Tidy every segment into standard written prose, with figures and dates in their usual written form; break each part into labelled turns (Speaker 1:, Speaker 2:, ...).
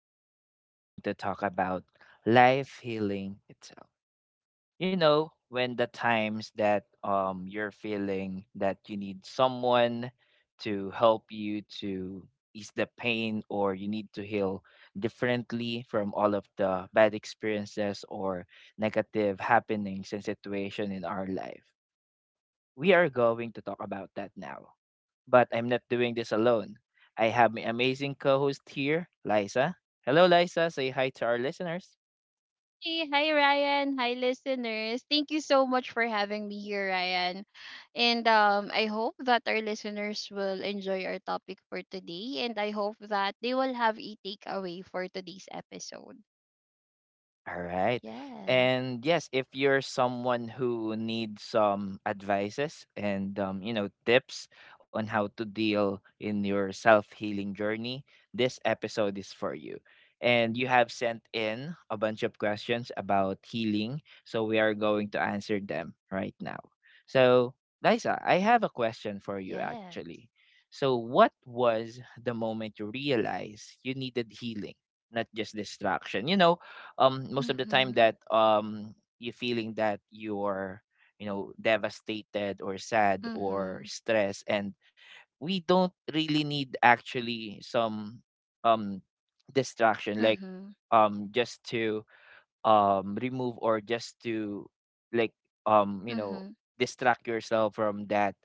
Speaker 1: Today we're going to talk about life healing itself. You know, when the times that you're feeling that you need someone to help you to ease the pain, or you need to heal differently from all of the bad experiences or negative happenings and situation in our life. We are going to talk about that now. But I'm not doing this alone. I have my amazing co host here, Liza. Hello, Liza. Say hi to our listeners.
Speaker 2: Hey, hi Ryan, hi listeners. Thank you so much for having me here, Ryan. And I hope that our listeners will enjoy our topic for today, and I hope that they will have a takeaway for today's episode.
Speaker 1: All right.
Speaker 2: Yes.
Speaker 1: And yes, if you're someone who needs some advices and you know, tips on how to deal in your self-healing journey, this episode is for you. And you have sent in a bunch of questions about healing, so we are going to answer them right now. So, Liza, I have a question for you
Speaker 2: Yes.
Speaker 1: actually. So, what was the moment you realized you needed healing, not just distraction? You know, most of the time
Speaker 2: Mhm.
Speaker 1: that you feeling that you're, you know, devastated or sad or
Speaker 2: Mhm.
Speaker 1: stressed, and we don't really need actually some um distraction, like
Speaker 2: Mhm.
Speaker 1: just to remove or just to, like, um you know
Speaker 2: Mhm.
Speaker 1: distract yourself from that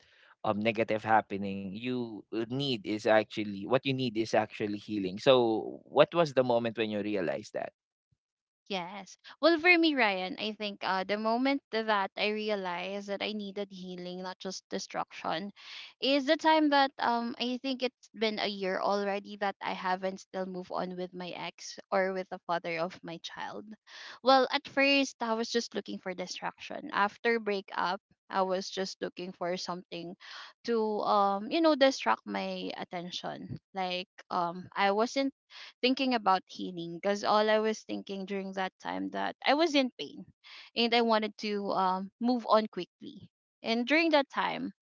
Speaker 1: negative happening. You need is actually, what you need is actually healing. So what was the moment when you realized that?
Speaker 2: Yes. Well, for me, Ryan, I think the moment that I realized that I needed healing, not just destruction, is the time that I think it's been a year already that I haven't still moved on with my ex or with the father of my child. Well, at first I was just looking for distraction. After breakup, I was just looking for something to you know distract my attention. Like I was in thinking about healing because all I was thinking during that time that I was in pain, and I wanted to move on quickly. And during that time,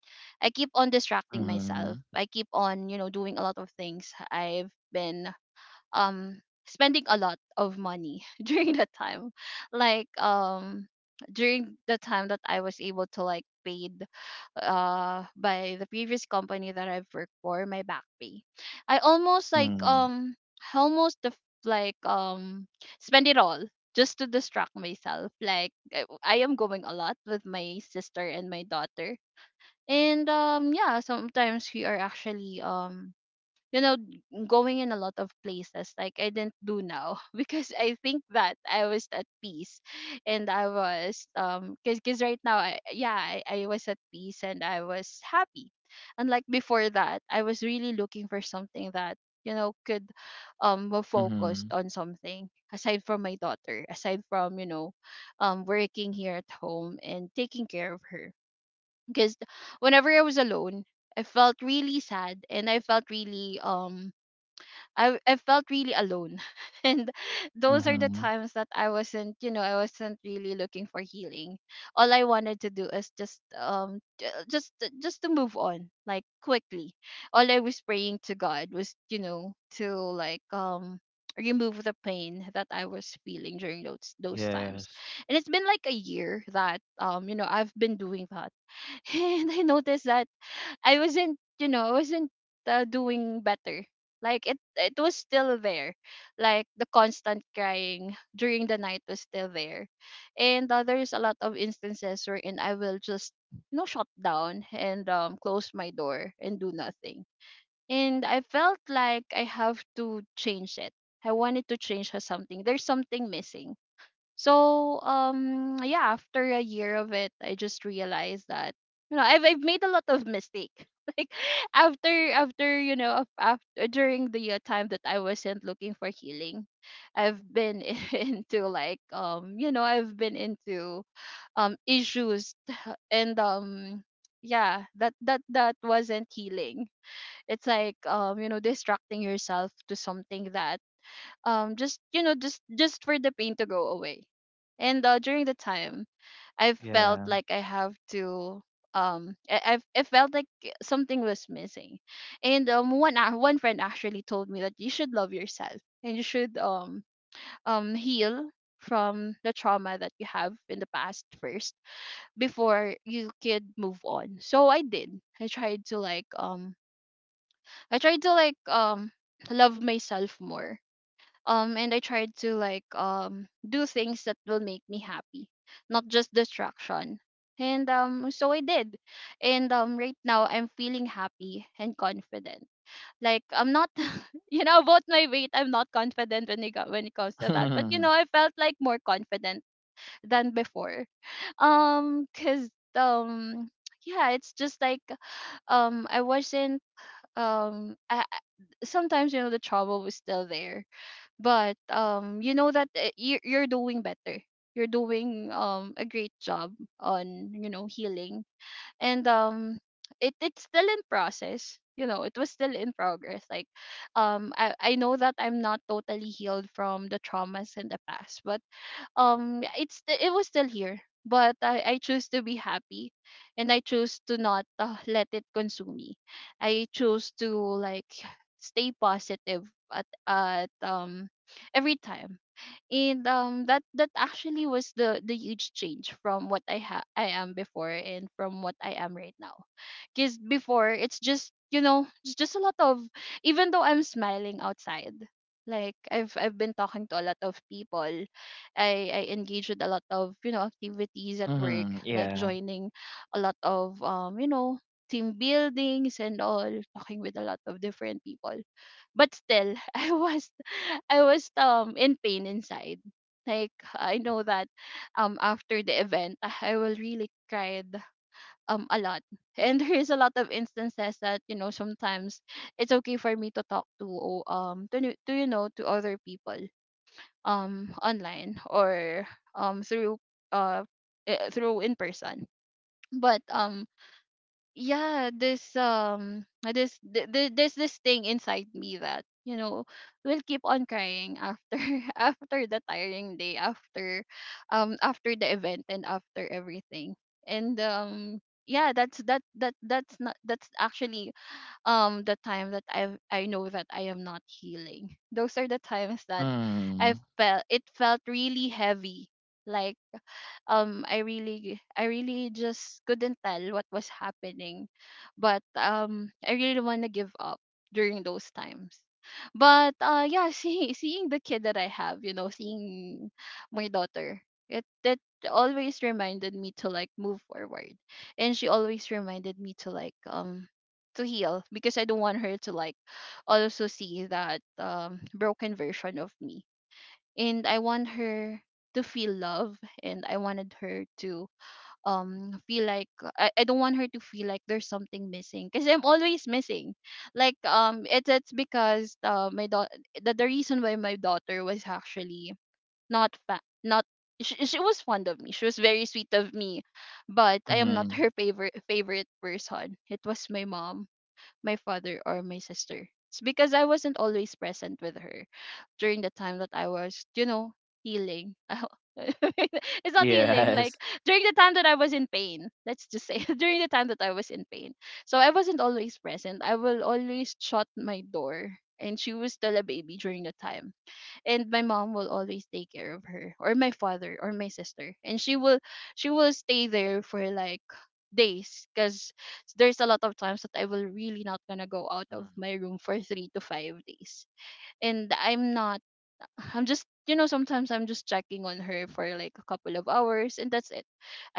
Speaker 2: I keep on distracting myself. I keep on, you know, doing a lot of things. I've been um spending a lot of money during that time, like during the time that I was able to like paid by the previous company that I've worked for my back pay, I almost like
Speaker 1: Mm,
Speaker 2: um I almost def- like spend it all just to distract myself, like I am going a lot with my sister and my daughter. And yeah, sometimes we are actually you know going in a lot of places like I didn't do now because I think that I was at peace, and I was because cause right now I was at peace and I was happy, unlike before that I was really looking for something that you know could be focused
Speaker 1: mhm,
Speaker 2: on something aside from my daughter, aside from you know working here at home and taking care of her, because whenever I was alone I felt really sad, and I felt really I felt really alone, and those are the
Speaker 1: mhm.
Speaker 2: times that I wasn't, you know, I wasn't really looking for healing. All I wanted to do is just just to move on like quickly. All I was praying to God was, you know, to like remove the pain that I was feeling during those times.
Speaker 1: Yes.
Speaker 2: And it's been like a year that you know I've been doing that and I noticed that I wasn't, you know, I wasn't doing better. Like it was still there. Like the constant crying during the night was still there, and there's a lot of instances wherein I will just, you know, shut down and close my door and do nothing. And I felt like I have to change it. I wanted to change her something. There's something missing, so yeah, after a year of it, I just realized that you know I've made a lot of mistake. Like after you know after during the time that I wasn't looking for healing, I've been into like you know I've been into issues and yeah, that wasn't healing. It's like you know distracting yourself to something that just you know just for the pain to go away. And during the time, I felt
Speaker 1: Yeah.
Speaker 2: like I have to I felt like something was missing. And one friend actually told me that you should love yourself and you should heal from the trauma that you have in the past first before you could move on, so I did. i tried to like um I tried to like love myself more and I tried to like do things that will make me happy, not just distraction. And so I did. And right now I'm feeling happy and confident. Like I'm not you know about my weight I'm not confident when it, got when it comes to that, but you know
Speaker 1: Mhm,
Speaker 2: I felt like more confident than before. Because um yeah, it's just like I wasn't um I, I- sometimes you know the trouble was still there, but you know that you're doing better, you're doing a great job on you know healing. And it's still in process, you know it was still in progress, like I know that I'm not totally healed from the traumas in the past. But yeah, it's it was still here, but I choose to be happy, and I choose to not let it consume me. I choose to like stay positive at every time. And that actually was the huge change from what I am before and from what I am right now. Because before it's just you know it's just a lot of, even though I'm smiling outside, like I've been talking to a lot of people. I engage with a lot of you know activities at work,
Speaker 1: mhm,
Speaker 2: like
Speaker 1: yeah.
Speaker 2: joining a lot of you know team buildings and all, talking with a lot of different people. But still I was in pain inside. Like I know that after the event I will really cried a lot. And there is a lot of instances that you know sometimes it's okay for me to talk to to you know to other people online or through uh through in person. But yeah, this there's this thing inside me that you know will keep on crying after after the tiring day, after after the event and after everything. And yeah, that's that that that's not that's actually the time that I know that I am not healing. Those are the times that I
Speaker 1: Mm,
Speaker 2: felt it felt really heavy, like I really just couldn't tell what was happening. But I really don't want to give up during those times. But yeah, seeing the kid that I have, you know, seeing my daughter, it that always reminded me to like move forward. And she always reminded me to like to heal, because I don't want her to like also see that broken version of me. And I want her to feel love, and I wanted her to feel like I don't want her to feel like there's something missing because I'm always missing. Like it's because my daughter, the reason why my daughter was actually not, she was fond of me, she was very sweet of me, but I am not
Speaker 1: mhm.
Speaker 2: her favorite person. It was my mom, my father or my sister. It's because I wasn't always present with her during the time that I was, you know, healing. It's not healing, like
Speaker 1: Yes.
Speaker 2: during the time that I was in pain. Let's just say during the time that I was in pain. So I wasn't always present. I will always shut my door, and she was still a baby during the time, and my mom will always take care of her, or my father or my sister. And she will stay there for like days, because there's a lot of times that I will really not gonna go out
Speaker 1: Mm,
Speaker 2: of my room for 3 to 5 days. And I'm not, I'm just you know sometimes I'm just checking on her for like a couple of hours, and that's it.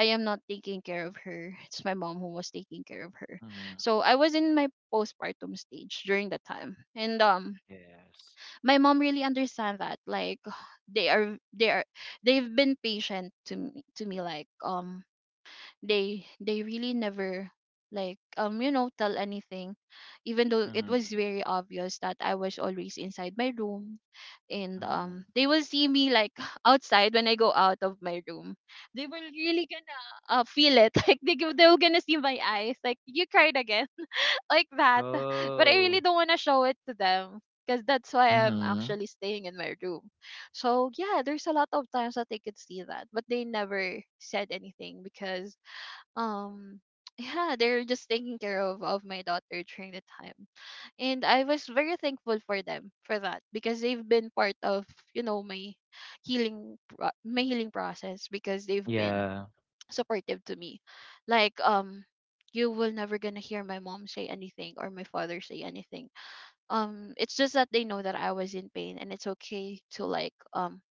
Speaker 2: I am not taking care of her, it's my mom who was taking care of her.
Speaker 1: mhm.
Speaker 2: So I was in my postpartum stage during that time. And
Speaker 1: Yes.
Speaker 2: my mom really understand that, like they are they've been patient to me, like they really never like you know tell anything, even though it
Speaker 1: Mhm,
Speaker 2: was very obvious that I was always inside my room. and
Speaker 1: mhm.
Speaker 2: um they will see me like outside when I go out of my room, they will really gonna feel it. Like they will gonna see my eyes like, you cried again, like that. But I really
Speaker 1: Oh.
Speaker 2: don't want to show it to them because that's why I'm
Speaker 1: Mhm.
Speaker 2: actually staying in my room. So yeah, there's a lot of times that they could see that, but they never said anything, because um yeah, they're just taking care of my daughter during the time. And I was very thankful for them for that, because they've been part of, you know, my my healing process, because they've been
Speaker 1: Yeah.
Speaker 2: supportive to me. Like you will never gonna hear my mom say anything or my father say anything. It's just that they know that I was in pain, and it's okay to like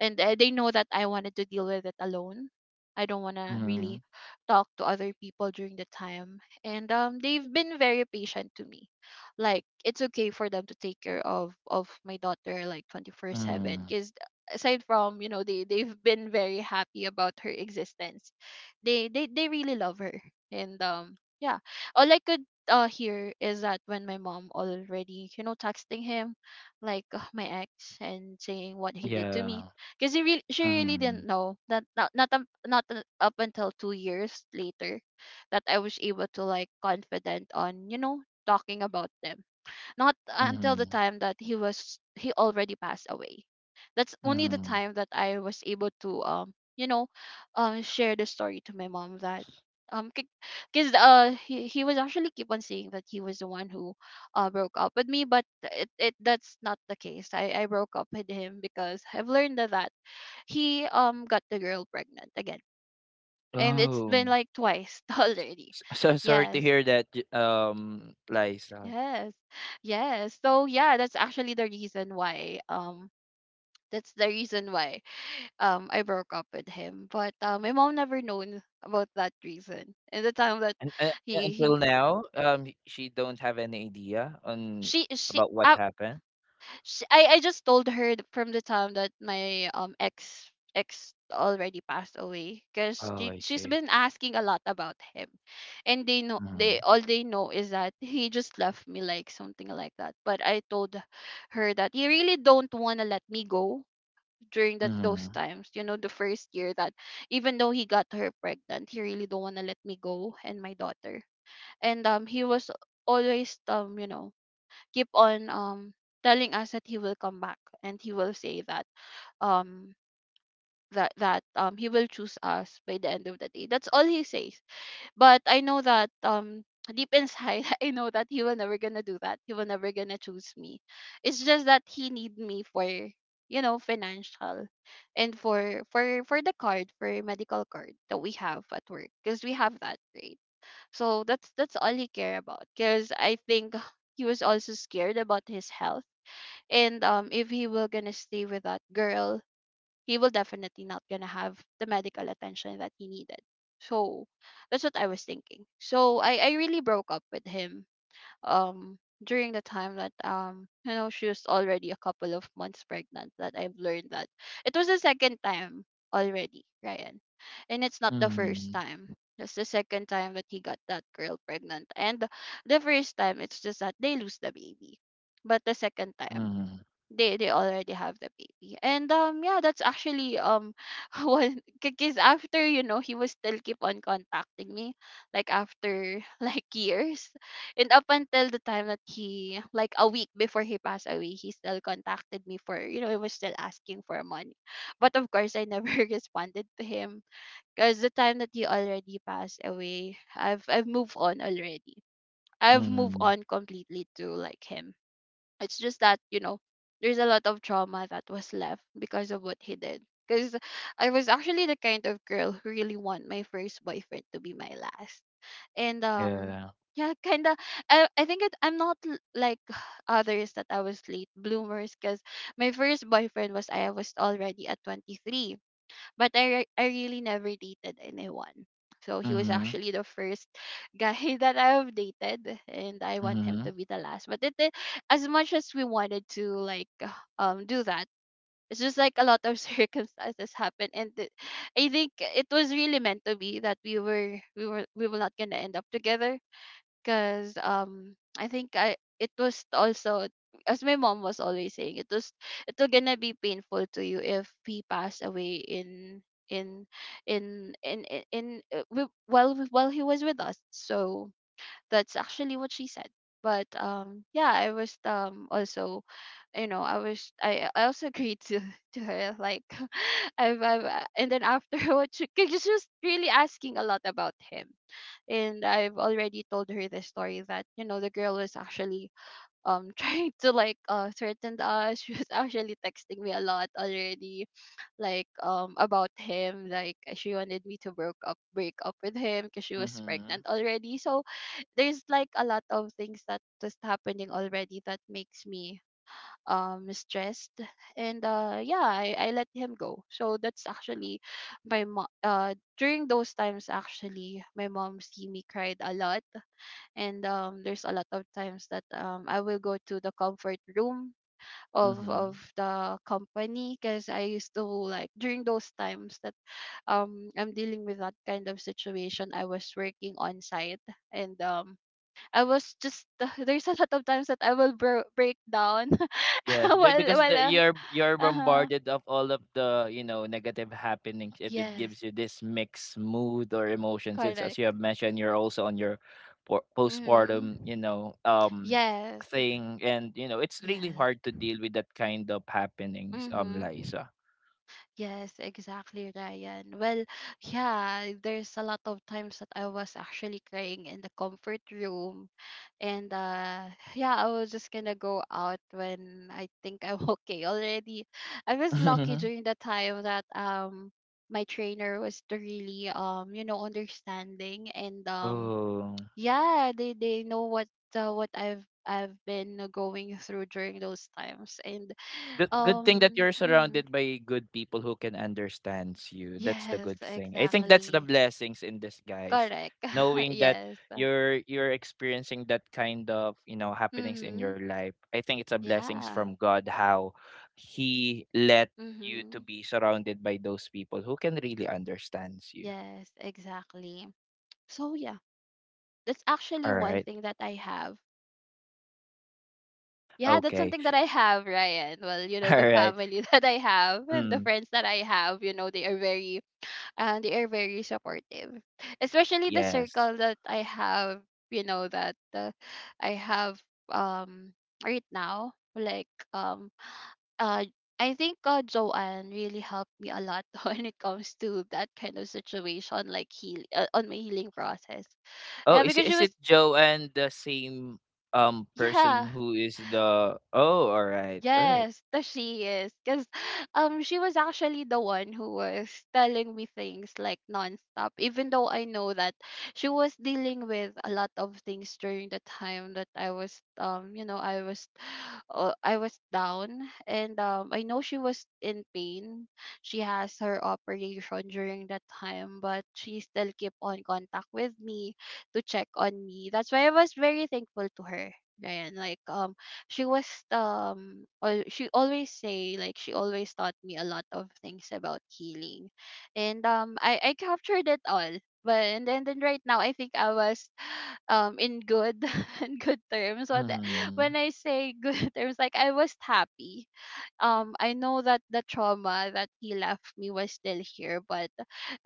Speaker 2: and they know that I wanted to deal with it alone. I don't want to really
Speaker 1: Mhm,
Speaker 2: talk to other people during the time. And they've been very patient to me. Like it's okay for them to take care of my daughter like 24/7,
Speaker 1: mhm.
Speaker 2: cuz aside from, they've been very happy about her existence. They really love her. And yeah, all I could hear is that when my mom already, you know, texting him, like my ex, and saying what he did to me,
Speaker 1: Yeah.
Speaker 2: because she really didn't
Speaker 1: Mhm,
Speaker 2: know that, not up until 2 years later, that I was able to like confident on talking about them. Not until the
Speaker 1: mhm,
Speaker 2: time that he already passed away. That's only the
Speaker 1: mhm.
Speaker 2: time that I was able to share the story to my mom. That um because he was actually keep on saying that he was the one who broke up with me, but it that's not the case. I broke up with him because I've learned that he got the girl pregnant again, and it's been
Speaker 1: Oh.
Speaker 2: like twice already.
Speaker 1: So sorry to
Speaker 2: Yes,
Speaker 1: hear that, Liza.
Speaker 2: yes, yes. So yeah, that's the reason why I broke up with him. But my mom never known about that reason. And the time that
Speaker 1: And
Speaker 2: he
Speaker 1: until
Speaker 2: p-
Speaker 1: now, she don't have any idea on
Speaker 2: she
Speaker 1: about what
Speaker 2: I
Speaker 1: happened.
Speaker 2: sh I just told her from the time that my ex already passed away, because
Speaker 1: Oh,
Speaker 2: she
Speaker 1: I
Speaker 2: she's
Speaker 1: see.
Speaker 2: been asking a lot about him, and they know, they
Speaker 1: Mm,
Speaker 2: all they know is that he just left me, like something like that. But I told her that he really don't wanna let me go during that those
Speaker 1: mm,
Speaker 2: times, you know, the first year that, even though he got her pregnant, he really don't want to let me go and my daughter. And he was always keep on telling us that he will come back, and he will say that um he will choose us by the end of the day. That's all he says. But I know that deep inside, I know that he will never gonna do that. He will never gonna choose me. It's just that he need me for, you know, financial, and for the card, for medical card that we have at work, because we have that, right? So that's all he care about, because I think he was also scared about his health. And if he will gonna stay with that girl, he will definitely not gonna have the medical attention that he needed. So that's what I was thinking, so I really broke up with him during the time that she was already a couple of months pregnant, that I've learned that it was the second time already, Ryan, and it's not the first
Speaker 1: mm,
Speaker 2: time. That's the second time that he got that girl pregnant. And the first time, it's just that they lose the baby, but the second time,
Speaker 1: mm,
Speaker 2: they already have the baby. And yeah, that's actually one, because after, you know, he was still keep on contacting me, like after like years, and up until the time that he, like a week before he passed away, he still contacted me for, you know, he was still asking for money. But of course I never responded to him, because the time that he already passed away, I've moved on already. I've moved
Speaker 1: mm.
Speaker 2: on completely to like him. It's just that, there's a lot of trauma that was left because of what he did. Because I was actually the kind of girl who really want my first boyfriend to be my last. And
Speaker 1: Yeah.
Speaker 2: yeah, kind of. I think I'm not like others, that I was late bloomers, because my first boyfriend, was I was already at 23, but I really never dated anyone. So he was
Speaker 1: Mm-hmm.
Speaker 2: actually the first guy that I've dated, and I want him to
Speaker 1: Mm-hmm.
Speaker 2: be the last. But it as much as we wanted to, like do that, it's just like a lot of circumstances happened, and I think it was really meant to be that we were not gonna end up together, because I think, I it was also, as my mom was always saying, it will gonna be painful to you if he passed away in in while he was with us. So that's actually what she said. But yeah, I was also, you know, I was, I also agreed to to her, like I've and then after 'cause she was really asking a lot about him. And I've already told her the story that, the girl was actually trying to like threaten us. She was actually texting me a lot already, like about him. Like she wanted me to broke up break up with him because she was
Speaker 1: Mm-hmm.
Speaker 2: pregnant already. So there's like a lot of things that was happening already that makes me stressed. And yeah, I let him go. So that's actually my mom, during those times, actually my mom see me cried a lot. And there's a lot of times that I will go to the comfort room of
Speaker 1: Mm-hmm.
Speaker 2: of the company, because I used to like, during those times that I'm dealing with that kind of situation, I was working on site. And I was just there's a lot of times that I will break down
Speaker 1: Yes, because
Speaker 2: while
Speaker 1: you're
Speaker 2: uh-huh.
Speaker 1: bombarded of all of the, you know, negative happenings. It
Speaker 2: Yes,
Speaker 1: gives you this mixed mood or emotion. Since,
Speaker 2: correct.
Speaker 1: as you have mentioned, you're also on your
Speaker 2: Mhm.
Speaker 1: postpartum, you know,
Speaker 2: Yes.
Speaker 1: thing, and you know it's really
Speaker 2: Yes.
Speaker 1: hard to deal with that kind of happenings,
Speaker 2: Mhm.
Speaker 1: Liza.
Speaker 2: Yes, exactly, Ryan. Well, yeah, there's a lot of times that I was actually crying in the comfort room. And yeah, I was just gonna go out when I think I'm okay already. I was lucky during the time that my trainer was the really understanding. And
Speaker 1: Oh.
Speaker 2: yeah, they know what, what I've been going through during those times. And
Speaker 1: Good, good thing that you're
Speaker 2: mhm.
Speaker 1: surrounded by good people who can understands you. That's the
Speaker 2: Yes,
Speaker 1: good thing. I think that's the
Speaker 2: exactly.
Speaker 1: blessings in disguise.
Speaker 2: Correct.
Speaker 1: Knowing that
Speaker 2: Yes.
Speaker 1: you're experiencing that kind of, you know, happenings in
Speaker 2: Mhm.
Speaker 1: your life. I think it's a blessings
Speaker 2: Yeah.
Speaker 1: from God how he let you to
Speaker 2: Mhm.
Speaker 1: be surrounded by those people who can really understands you.
Speaker 2: Yes, exactly. So yeah, that's actually
Speaker 1: All
Speaker 2: one
Speaker 1: right.
Speaker 2: thing that I have. Yeah, that's
Speaker 1: Okay.
Speaker 2: something that I have, Ryan. Well,
Speaker 1: All
Speaker 2: the
Speaker 1: right.
Speaker 2: family that I have, and the
Speaker 1: Mm,
Speaker 2: friends that I have, they are very supportive. Especially the
Speaker 1: yes.
Speaker 2: circle that I have, you know, that I have, um right now, like uh I think, Joanne really helped me a lot when it comes to that kind of situation, like heal on my healing process.
Speaker 1: Oh,
Speaker 2: Yeah,
Speaker 1: is
Speaker 2: because she was,
Speaker 1: it Joanne, the same person
Speaker 2: yeah.
Speaker 1: who is the Oh, all right. All right.
Speaker 2: Yes, the she is. Because she was actually the one who was telling me things like nonstop, even though I know that she was dealing with a lot of things during the time that I was down. And I know she was in pain. She has her operation during that time, but she still kept on contact with me to check on me. That's why I was very thankful to her, Ryan. Like she was, or she always say, like she always taught me a lot of things about healing. And I captured it all. But and then right now, I think I was in good in good terms,
Speaker 1: Mhm.
Speaker 2: when I say good terms, like I was happy. I know that the trauma that he left me was still here, but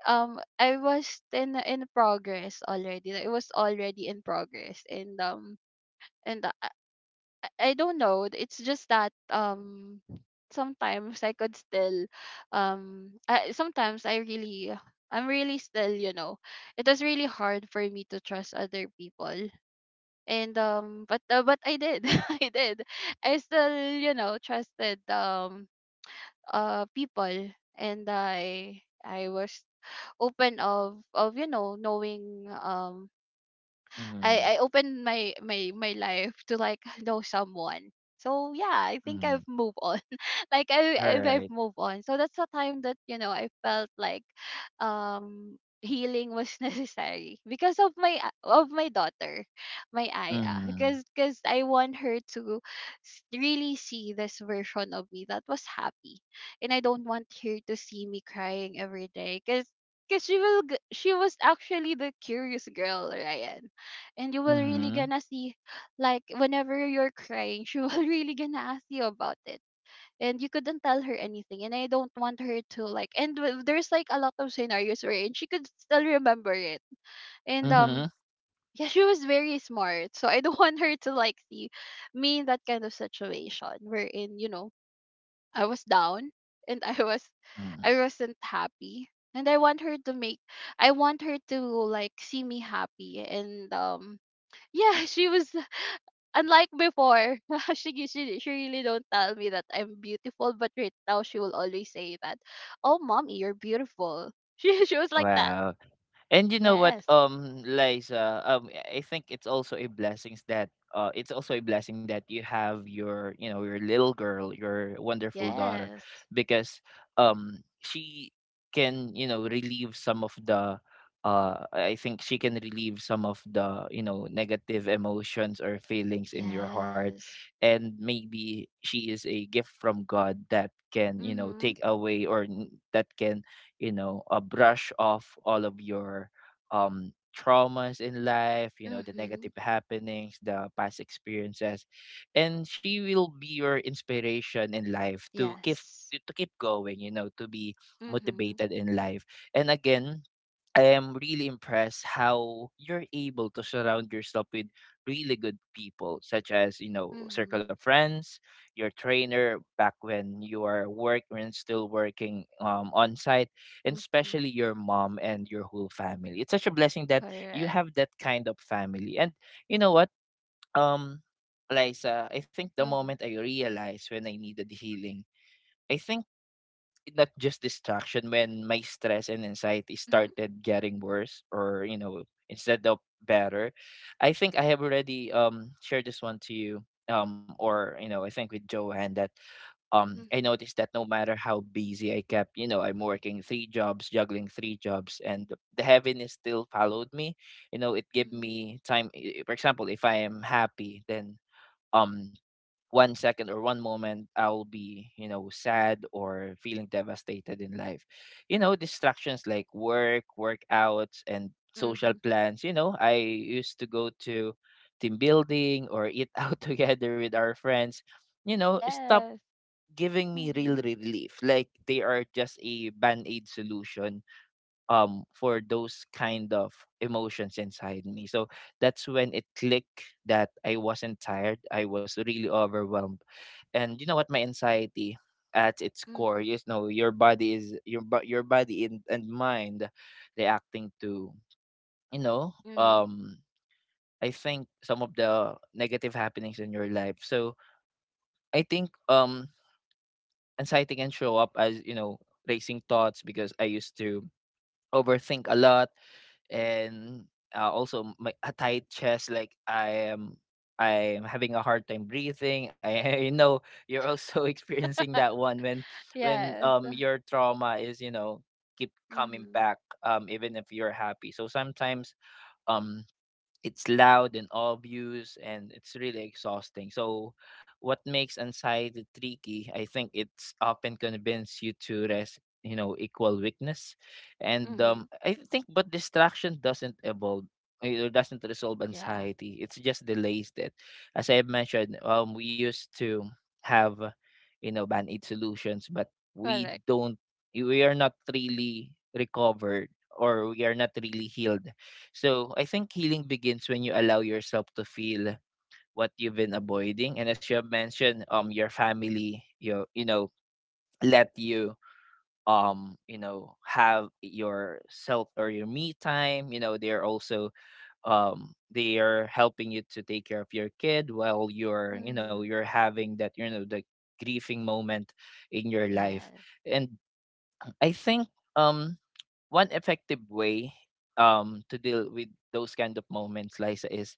Speaker 2: I was in progress already. It was already in progress. And and I I don't know. It's just that, sometimes I could still, sometimes I'm really still, it was really hard for me to trust other people. And but I did. I did. I still, trusted, people, and I was open of knowing,
Speaker 1: Mhm.
Speaker 2: I opened my life to, like know someone. So yeah, I think
Speaker 1: Mhm.
Speaker 2: I've moved on. Like I
Speaker 1: All
Speaker 2: I've, I've
Speaker 1: right.
Speaker 2: moved on. So that's the time that, I felt like healing was necessary because of my, of my daughter, my Aya.
Speaker 1: Mhm.
Speaker 2: Because I want her to really see this version of me that was happy, and I don't want her to see me crying every day. Because she was actually the curious girl, Ryan, and you will really
Speaker 1: Mhm.
Speaker 2: gonna see, like, whenever you're crying, she will really gonna ask you about it. And you couldn't tell her anything. And I don't want her to like, there's like a lot of scenarios where, and she could still remember it. And
Speaker 1: Mhm.
Speaker 2: yeah, she was very smart, so I don't want her to like see me in that kind of situation, wherein, I was down, and
Speaker 1: Mhm.
Speaker 2: I wasn't happy. And I want her to like see me happy. And yeah, she was unlike before. She really don't tell me that I'm beautiful, but right now she will always say that, "Oh, mommy, you're beautiful." She was like that.
Speaker 1: Wow. And you know what,
Speaker 2: Yes,
Speaker 1: Liza, I think it's also a blessings that it's also a blessing that you have your, you know, your little girl, your wonderful daughter,
Speaker 2: yes,
Speaker 1: because she can, you know, relieve some of the, I think she can relieve some of the, you know, negative emotions or feelings in your heart,
Speaker 2: yes.
Speaker 1: and maybe she is a gift from God that can, you know,
Speaker 2: Mhm,
Speaker 1: take away or that can, you know, brush off all of your traumas in life, you know, the
Speaker 2: mhm.
Speaker 1: negative happenings, the past experiences, and she will be your inspiration in life to keep,
Speaker 2: Yes.
Speaker 1: to keep going, you know, to be
Speaker 2: Mhm,
Speaker 1: motivated in life. And again, I am really impressed how you're able to surround yourself with really good people, such as, you know, circle
Speaker 2: mhm,
Speaker 1: of friends, your trainer back when you are work, when still working on site, and
Speaker 2: mhm.
Speaker 1: especially your mom and your whole family. It's such a blessing that you
Speaker 2: Correct.
Speaker 1: have that kind of family. And you know what? Um, Liza, I think the moment
Speaker 2: Mhm,
Speaker 1: I realized when I needed healing, I think, not just distraction, when my stress and anxiety
Speaker 2: mhm,
Speaker 1: started getting worse, or you know, instead of better, I think I have already shared this one to you, or you know, I think with Joanne, that I
Speaker 2: mhm,
Speaker 1: noticed that no matter how busy I kept, you know, I'm working three jobs, juggling three jobs, and the heaviness still followed me. You know, it gave
Speaker 2: mhm,
Speaker 1: me time. For example, if I am happy, then um 1 second or one moment I'll be, you know, sad or feeling devastated in life. You know, distractions like work, workouts, and social
Speaker 2: mhm.
Speaker 1: plans. You know, I used to go to team building or eat out together with our friends, you know, stop
Speaker 2: Yes.
Speaker 1: giving me real
Speaker 2: Mhm,
Speaker 1: relief. Like they are just a band-aid solution for those kind of emotions inside me. So that's when it clicked that I wasn't tired. I was really overwhelmed. And you know what, my anxiety at its core,
Speaker 2: mhm,
Speaker 1: you know, your body is your your body and mind reacting to, you know,
Speaker 2: mhm.
Speaker 1: I think some of the negative happenings in your life. So I think anxiety can show up as, you know, racing thoughts, because I used to overthink a lot, and also my a tight chest, like, I am, I am having a hard time breathing. I you know, you're also experiencing that one when
Speaker 2: Yes.
Speaker 1: your trauma is, you know, keep coming
Speaker 2: Mm-hmm.
Speaker 1: back, even if you're happy, so sometimes um it's loud and obvious and it's really exhausting. So, what makes anxiety tricky, I think it's often convince you to rest, you know, equal weakness. And
Speaker 2: Mm-hmm.
Speaker 1: I think, but distraction doesn't evolve. It doesn't resolve
Speaker 2: Yeah,
Speaker 1: anxiety. It's just delays that, as I mentioned, we used to have, you know, band aid solutions, but we
Speaker 2: correct.
Speaker 1: don't. We are not really recovered, or we are not really healed. So I think healing begins when you allow yourself to feel what you've been avoiding. And as you have mentioned, your family, you know, let you you know, have your self or your me time. You know, they're also they are helping you to take care of your kid while you're, you know,
Speaker 2: Mm-hmm.
Speaker 1: you're having that, you know, the grieving moment in your life.
Speaker 2: Yes.
Speaker 1: And I think um one effective way to deal with those kind of moments, Liza, is,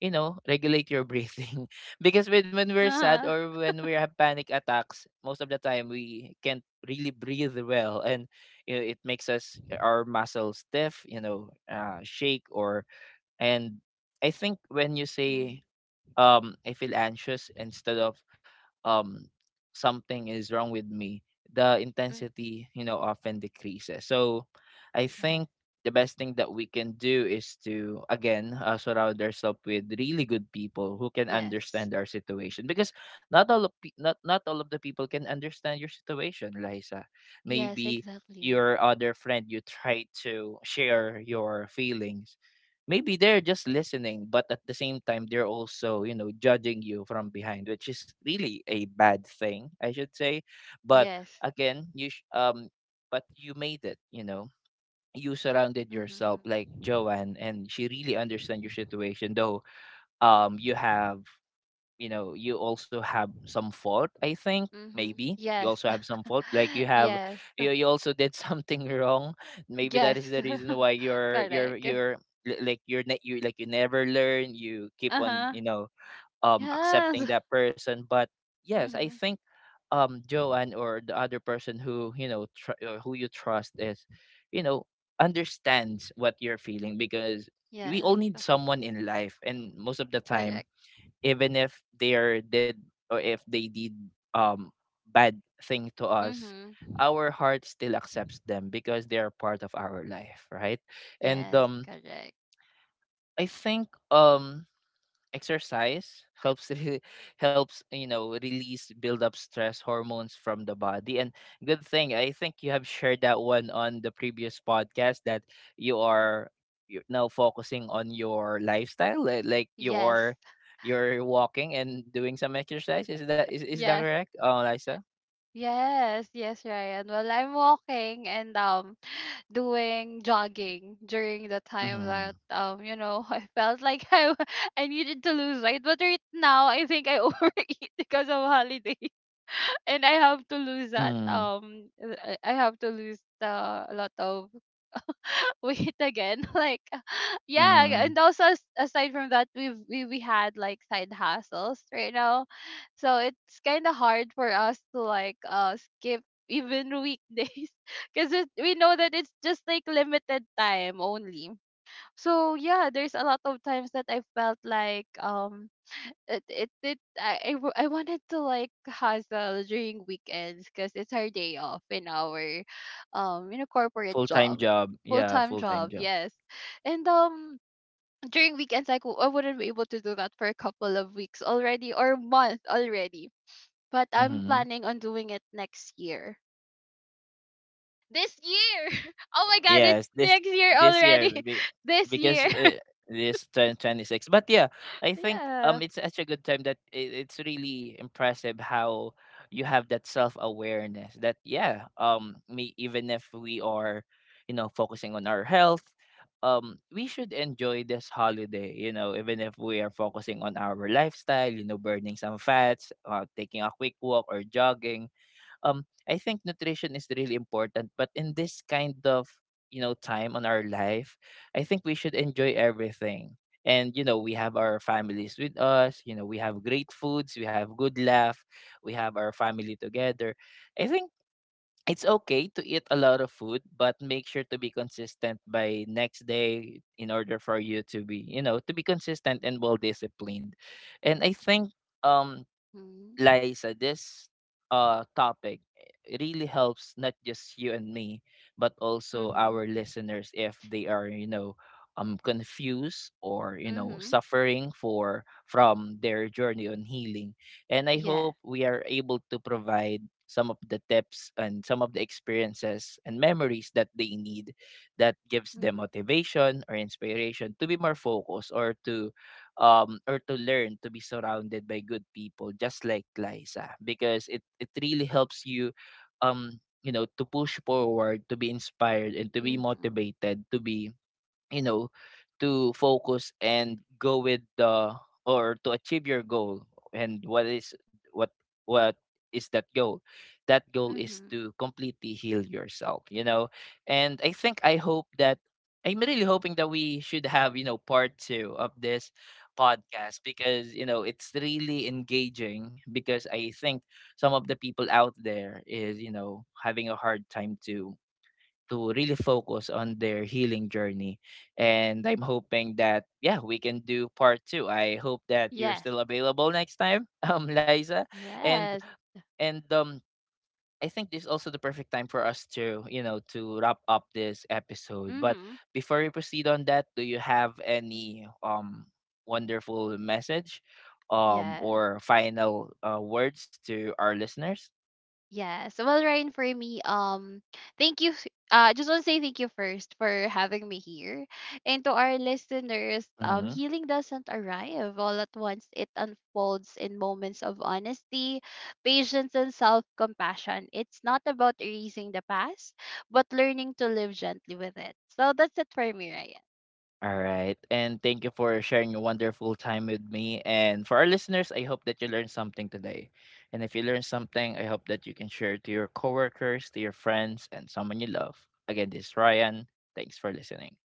Speaker 1: you know, regulate your breathing because when we're sad
Speaker 2: Uh-huh.
Speaker 1: or when we have panic attacks, most of the time we can't really breathe well, and you know, it makes us our muscles stiff, you know, shake or, and I think when you
Speaker 2: Mm-hmm.
Speaker 1: say I feel anxious instead of um something is wrong with me, the
Speaker 2: Mm,
Speaker 1: intensity, you know, often decreases. So I
Speaker 2: yeah.
Speaker 1: think the best thing that we can do is to again, surround ourselves with really good people who can
Speaker 2: Yes.
Speaker 1: understand our situation, because not, not all of the people can understand your situation, Liza.
Speaker 2: Yes,
Speaker 1: Maybe
Speaker 2: exactly.
Speaker 1: your other friend you try to share your feelings, maybe they're just listening, but at the same time, they're also, you know, judging you from behind, which is really a bad thing, I should say. But
Speaker 2: Yes.
Speaker 1: again, but you made it, you know. You surrounded yourself
Speaker 2: Mm-hmm.
Speaker 1: like Joanne, and she really understands your situation, though you have, you know, you also have some fault. I think
Speaker 2: Mm-hmm.
Speaker 1: maybe you
Speaker 2: Yes.
Speaker 1: also have some fault, like you have,
Speaker 2: Yes.
Speaker 1: you also did something wrong, maybe that is
Speaker 2: Yes.
Speaker 1: the reason why
Speaker 2: Correct.
Speaker 1: you're like you're you like you never learn, you keep on,
Speaker 2: Uh-huh.
Speaker 1: you know, accepting
Speaker 2: Yes.
Speaker 1: that person. But yes, I
Speaker 2: Mm-hmm.
Speaker 1: think Joanne or the other person who, you know, who you trust is, you know, understands what you're feeling, because we
Speaker 2: Yes.
Speaker 1: all need someone in life, and most of the time,
Speaker 2: Correct.
Speaker 1: even if they are did, or if they did um bad thing to us,
Speaker 2: Mm-hmm.
Speaker 1: our heart still accepts them because they are part of our life, right? And
Speaker 2: Yes, correct.
Speaker 1: I think exercise helps helps, you know, release build up stress hormones from the body, and good thing, I think you have shared that one on the previous podcast that you are, you're now focusing on your lifestyle, like
Speaker 2: Yes.
Speaker 1: you're walking and doing some exercise. Is that
Speaker 2: Yes.
Speaker 1: correct, oh Lisa?
Speaker 2: Yes. Yes, Ryan. Well, I'm walking and doing jogging during the time that
Speaker 1: Mm-hmm.
Speaker 2: I felt like I needed to lose weight, but right now I think I overeat because of holiday, and I have to lose that, I have to lose the, a lot of weight again, like, yeah.
Speaker 1: Mm-hmm.
Speaker 2: And also, aside from that, we had like side hustles right now, so it's kind of hard for us to like skip even weekdays, because we know that it's just like limited time only. So yeah, there's a lot of times that I felt like it it, it I w- I wanted to like hustle during weekends, because it's our day off in our corporate
Speaker 1: Full-time
Speaker 2: job,
Speaker 1: job, yeah,
Speaker 2: full-time
Speaker 1: full-time
Speaker 2: job,
Speaker 1: job.
Speaker 2: yes. And during weekends, like I wouldn't be able to do that for a couple of weeks already, or month already. But I'm
Speaker 1: Mm-hmm.
Speaker 2: planning on doing it next year. This year. Oh my god,
Speaker 1: Yes,
Speaker 2: it's
Speaker 1: this,
Speaker 2: next year
Speaker 1: this year
Speaker 2: already.
Speaker 1: be-
Speaker 2: This
Speaker 1: because
Speaker 2: year.
Speaker 1: this 2026. But yeah, I think
Speaker 2: Yeah.
Speaker 1: it's such a good time that, it's really impressive how you have that self awareness that yeah me, even if we are, you know, focusing on our health, we should enjoy this holiday, you know, even if we are focusing on our lifestyle, you know, burning some fats, taking a quick walk or jogging, I think nutrition is really important, but in this kind of, you know, time on our life, I think we should enjoy everything. And you know, we have our families with us, you know, we have great foods, we have good laugh, we have our family together. I think it's okay to eat a lot of food, but make sure to be consistent by next day in order for you to be, you know, to be consistent and well disciplined. And I think um
Speaker 2: Mhm.
Speaker 1: Liza, this topic really helps not just you and me, but also our
Speaker 2: Mhm.
Speaker 1: listeners if they are, you know, confused or, you know,
Speaker 2: Mhm.
Speaker 1: suffering for from their journey on healing. And I hope
Speaker 2: Yes.
Speaker 1: we are able to provide some of the tips and some of the experiences and memories that they need that gives them
Speaker 2: Mhm.
Speaker 1: motivation or inspiration to be more focused or to learn to be surrounded by good people, just like Liza, because it really helps you um, you know, to push forward, to be inspired, and to be
Speaker 2: Mhm.
Speaker 1: motivated, to be, you know, to focus and go with the, or to achieve your goal. And what is, what what is that goal? That goal is
Speaker 2: Mhm.
Speaker 1: to completely heal yourself, you know. And I think I hope that, I'm really hoping that we should have, you know, part 2 of this podcast, because you know it's really engaging, because I think some of the people out there is, you know, having a hard time to, really focus on their healing journey. And I'm hoping that, yeah, we can do part two. I hope that you're
Speaker 2: Yes.
Speaker 1: still available next time, Liza. And,
Speaker 2: Yes.
Speaker 1: and, I think this is also the perfect time for us to, you know, to wrap up this episode. But
Speaker 2: Mhm.
Speaker 1: before we proceed on that, do you have any wonderful message
Speaker 2: Yes.
Speaker 1: or final words to our listeners?
Speaker 2: Yes. Well, Ryan, for me, thank you. I just want to say thank you first for having me here. And to our listeners, healing doesn't arrive all at once. It unfolds in moments of honesty, patience, and self-compassion. It's not about erasing the past, but learning to live gently with it. So that's it for me, Ryan.
Speaker 1: All right. And thank you for sharing a wonderful time with me. And for our listeners, I hope that you learned something today. And if you learned something, I hope that you can share it to your coworkers, to your friends, and someone you love. Again, this is Ryan. Thanks for listening.